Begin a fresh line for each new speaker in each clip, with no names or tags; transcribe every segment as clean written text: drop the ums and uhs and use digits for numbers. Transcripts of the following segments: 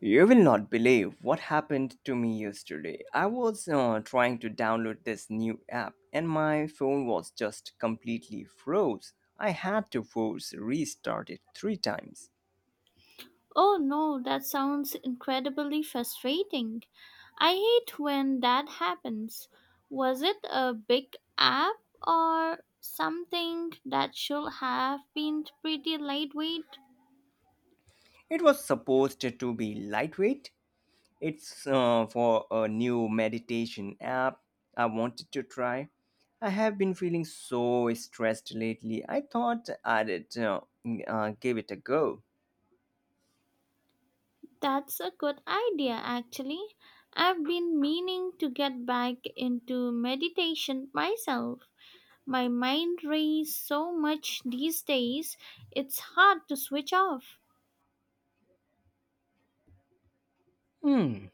You will not believe what happened to me yesterday. I was trying to download this new app and my phone was just completely froze. I had to force restart it three times.
Oh no, that sounds incredibly frustrating. I hate when that happens. Was it a big app or something that should have been pretty lightweight?
It was supposed to be lightweight. It's for a new meditation app I wanted to try. I have been feeling so stressed lately. I thought I'd give it a go.
That's a good idea, actually. I've been meaning to get back into meditation myself. My mind races so much these days, it's hard to switch off.
Hmm.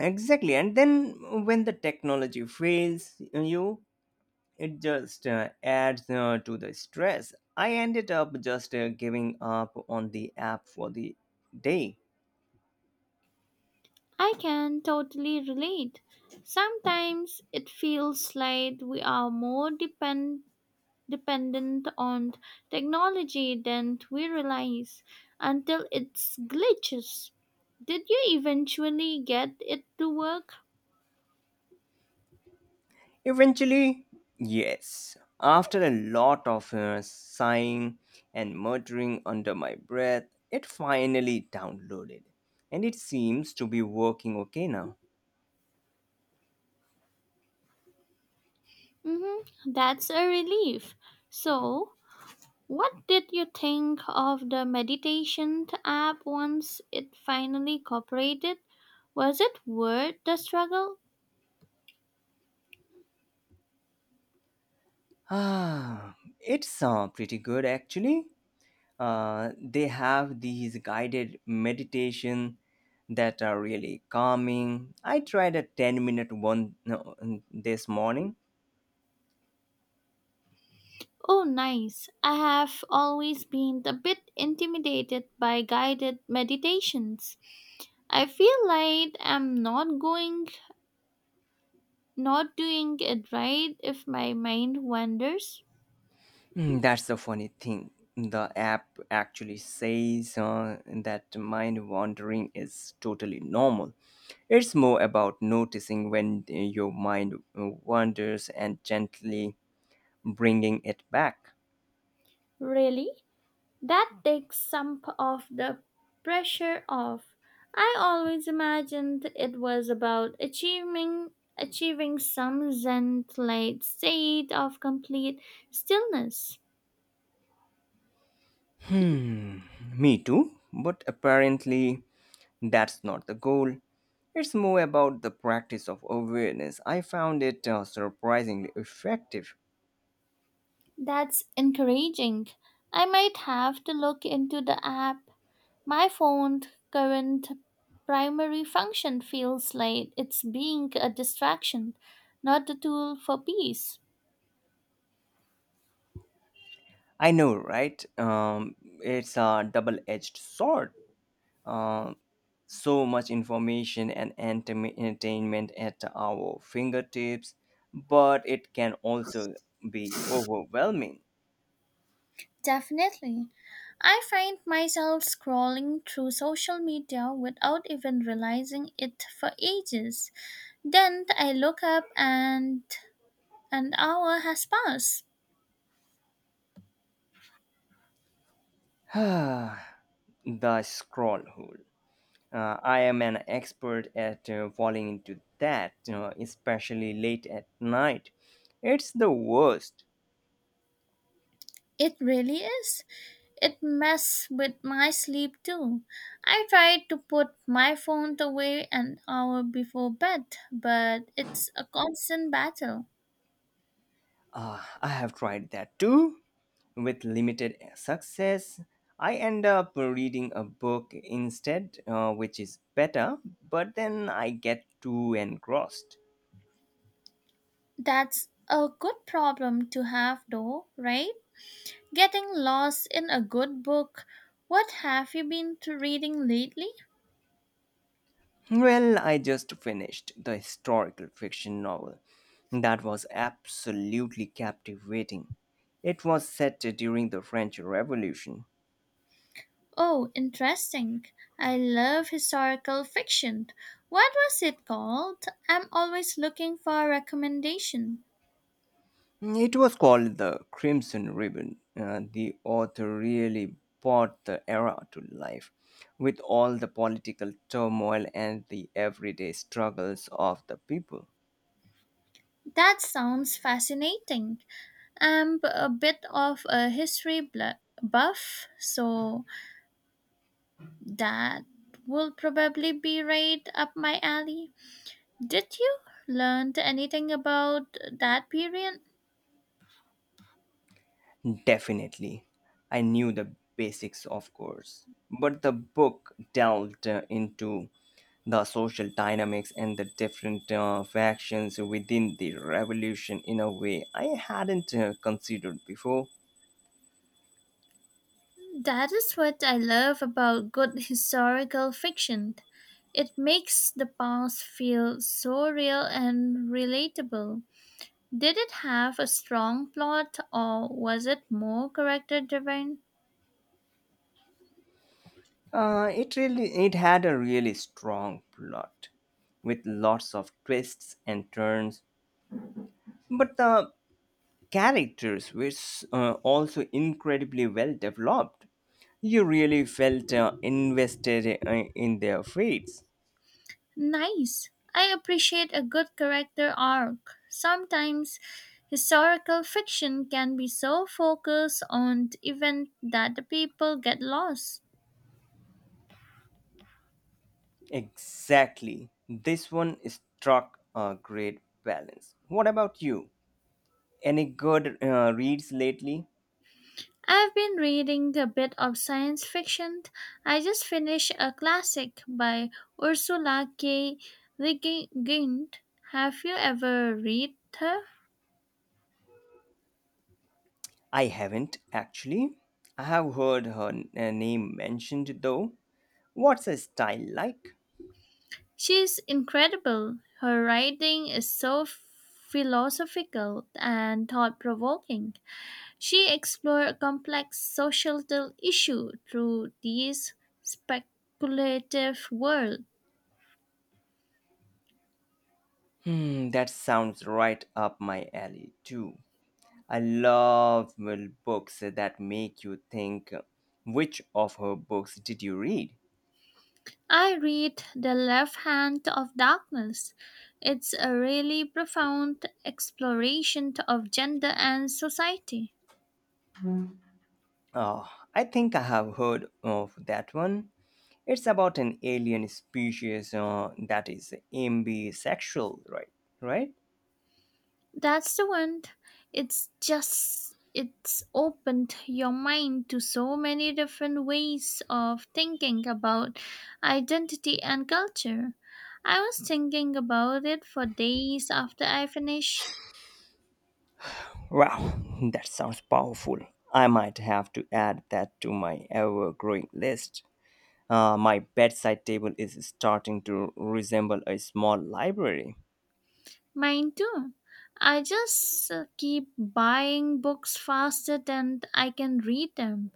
Exactly. And then when the technology fails you, it just adds to the stress. I ended up just giving up on the app for the day.
I can totally relate. Sometimes it feels like we are more dependent on technology than we realize until it glitches. Did you eventually get it to work?
Eventually, yes, after a lot of sighing and muttering under my breath, it finally downloaded. And it seems to be working okay now.
Mm-hmm. That's a relief. So, what did you think of the meditation app once it finally cooperated? Was it worth the struggle?
Ah, it's pretty good actually. They have these guided meditation that are really calming. I tried a 10 minute one no, this morning.
Oh, nice. I have always been a bit intimidated by guided meditations. I feel like I'm not going, not doing it right if my mind wanders.
Mm, that's the funny thing. The app actually says that mind wandering is totally normal. It's more about noticing when your mind wanders and gently bringing it back.
Really? That takes some p- of the pressure off. I always imagined it was about achieving some zen-like state of complete stillness.
Hmm, me too. But apparently, that's not the goal. It's more about the practice of awareness. I found it surprisingly effective.
That's encouraging. I might have to look into the app. My phone's current primary function feels like it's being a distraction, not a tool for peace.
I know, right? It's a double edged sword. Uh, so much information and entertainment at our fingertips, but it can also be overwhelming.
Definitely. I find myself scrolling through social media without even realizing it for ages. Then I look up and an hour has passed.
The scroll hole. I am an expert at falling into that, you know, especially late at night. It's the worst.
It really is. It messed with my sleep too. I tried to put my phone away an hour before bed, but it's a constant battle.
I have tried that too, with limited success. I end up reading a book instead, which is better, but then I get too engrossed.
That's a good problem to have though, right? Getting lost in a good book. What have you been to reading lately?
Well, I just finished the historical fiction novel. That was absolutely captivating. It was set during the French Revolution.
Oh, interesting. I love historical fiction. What was it called? I'm always looking for a recommendation.
It was called the Crimson Ribbon. The author really brought the era to life, with all the political turmoil and the everyday struggles of the people.
That sounds fascinating. I'm a bit of a buff, so that will probably be right up my alley. Did you learn anything about that period?
Definitely. I knew the basics, of course. But the book delved into the social dynamics and the different factions within the revolution in a way I hadn't considered before.
That is what I love about good historical fiction. It makes the past feel so real and relatable. Did it have a strong plot or was it more character driven?
It had a really strong plot with lots of twists and turns, but the characters were also incredibly well developed. You really felt invested in their fates.
Nice. I appreciate a good character arc. Sometimes historical fiction can be so focused on the event that the people get lost.
Exactly. This one struck a great balance. What about you? Any good reads lately?
I've been reading a bit of science fiction. I just finished a classic by Ursula K. Le Guin. Have you ever read her?
I haven't actually. I have heard her name mentioned though. What's a style like?
She's incredible. Her writing is so philosophical and thought provoking. She explored complex societal issues through this speculative world.
Hmm, that sounds right up my alley, too. I love well, books that make you think. Which of her books did you read?
I read The Left Hand of Darkness. It's a really profound exploration of gender and society.
Oh, I think I have heard of that one. It's about an alien species that is ambisexual, right? Right?
That's the one. It's opened your mind to so many different ways of thinking about identity and culture. I was thinking about it for days after I finished
Wow, that sounds powerful. I might have to add that to my ever growing list. My bedside table is starting to resemble a small library.
mine too. I just keep buying books faster than I can read them.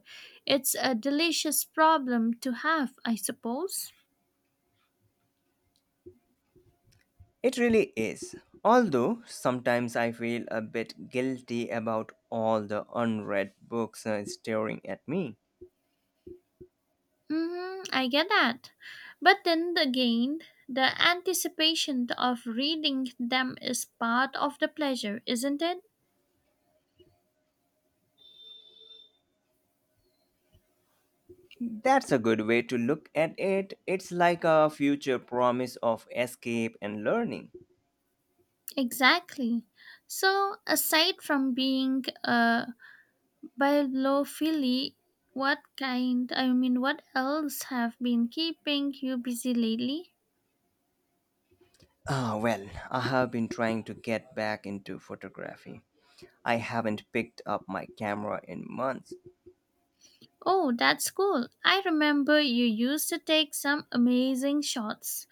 It's a delicious problem to have, I suppose.
It really is. Although sometimes I feel a bit guilty about all the unread books staring at me.
Hmm, I get that. But then again, the anticipation of reading them is part of the pleasure, isn't it?
That's a good way to look at it. It's like a future promise of escape and learning.
Exactly. So, aside from being a bibliophile, what kind, I mean, what else have been keeping you busy lately?
Ah, well, I have been trying to get back into photography. I haven't picked up my camera in months.
Oh, that's cool. I remember you used to take some amazing shots.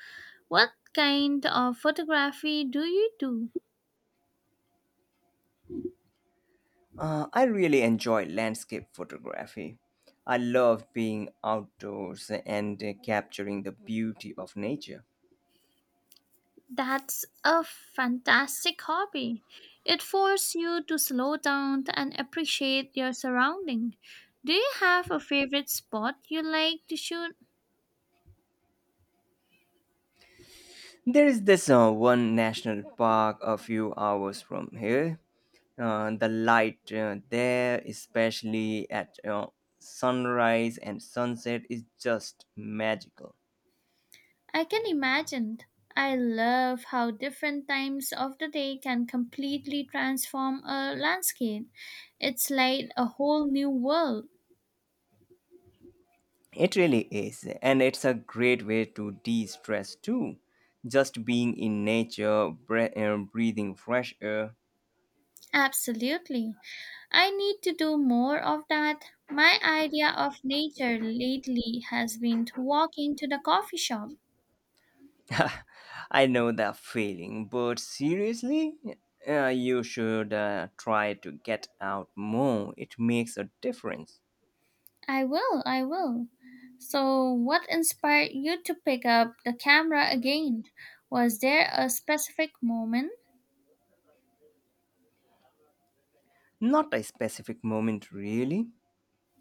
What kind of photography do you do?
I really enjoy landscape photography. I love being outdoors and capturing the beauty of nature.
That's a fantastic hobby. It forces you to slow down and appreciate your surrounding. Do you have a favorite spot you like to shoot?
There is this one national park a few hours from here. The light there, especially at sunrise and sunset, is just magical.
I can imagine. I love how different times of the day can completely transform a landscape. It's like a whole new world.
It really is, and it's a great way to de stress too. Just being in nature, breathing fresh air,
Absolutely. I need to do more of that. My idea of nature lately has been to walking to the coffee shop.
I know that feeling, but seriously, you should try to get out more. It makes a difference.
I will, I will. So, what inspired you to pick up the camera again? Was there a specific moment?
Not a specific moment, really,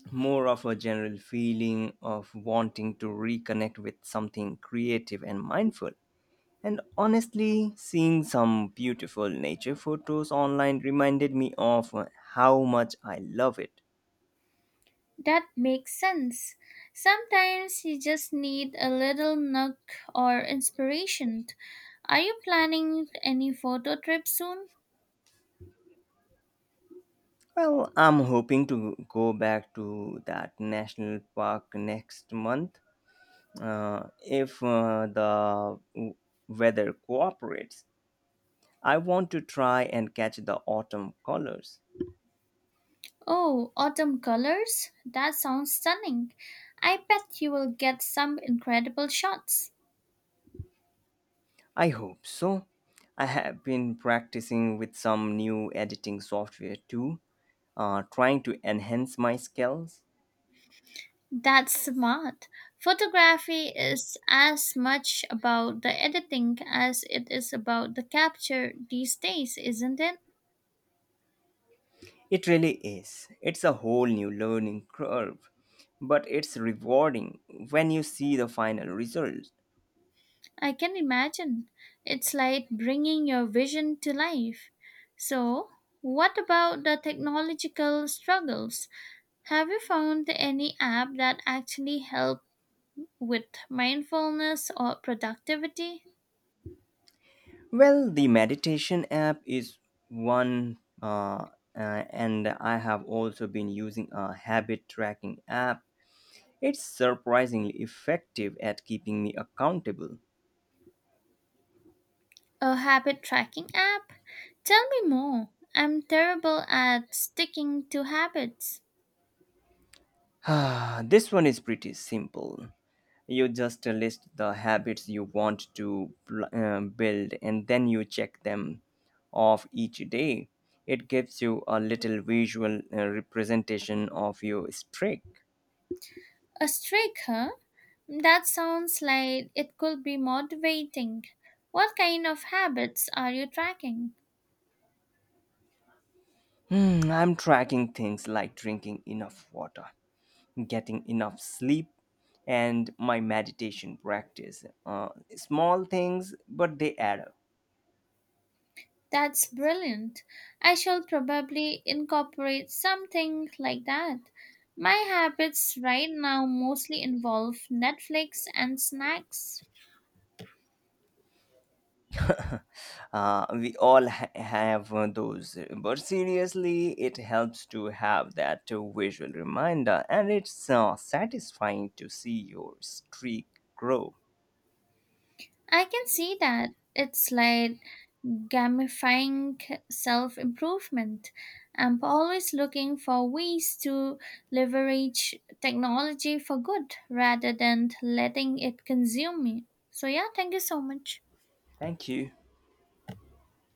more of a general feeling of wanting to reconnect with something creative and mindful. And honestly, seeing some beautiful nature photos online reminded me of how much I love it.
That makes sense. Sometimes you just need a little nook or inspiration. Are you planning any photo trip soon?
Well, I'm hoping to go back to that national park next month if the weather cooperates. I want to try and catch the autumn colors.
Oh, autumn colors? That sounds stunning. I bet you will get some incredible shots.
I hope so. I have been practicing with some new editing software too, trying to enhance my skills.
That's smart. Photography is as much about the editing as it is about the capture these days, isn't it?
It really is. It's a whole new learning curve, but it's rewarding when you see the final result.
I can imagine. It's like bringing your vision to life. So, what about the technological struggles? Have you found any app that actually help with mindfulness or productivity?
Well, the meditation app is one, uh, and I have also been using a habit tracking app. It's surprisingly effective at keeping me accountable.
A habit tracking app? Tell me more. I'm terrible at sticking to habits.
This one is pretty simple. You just list the habits you want to build and then you check them off each day. It gives you a little visual representation of your streak.
A streak, huh? That sounds like it could be motivating. What kind of habits are you tracking?
Hmm, I'm tracking things like drinking enough water, getting enough sleep, and my meditation practice. Small things, but they add up.
That's brilliant. I shall probably incorporate something like that. My habits right now mostly involve Netflix and snacks.
We all have those, but seriously, it helps to have that visual reminder, and it's satisfying to see your streak grow.
I can see that. It's like gamifying self improvement. I'm always looking for ways to leverage technology for good rather than letting it consume me. So, yeah, thank you so much.
Thank you.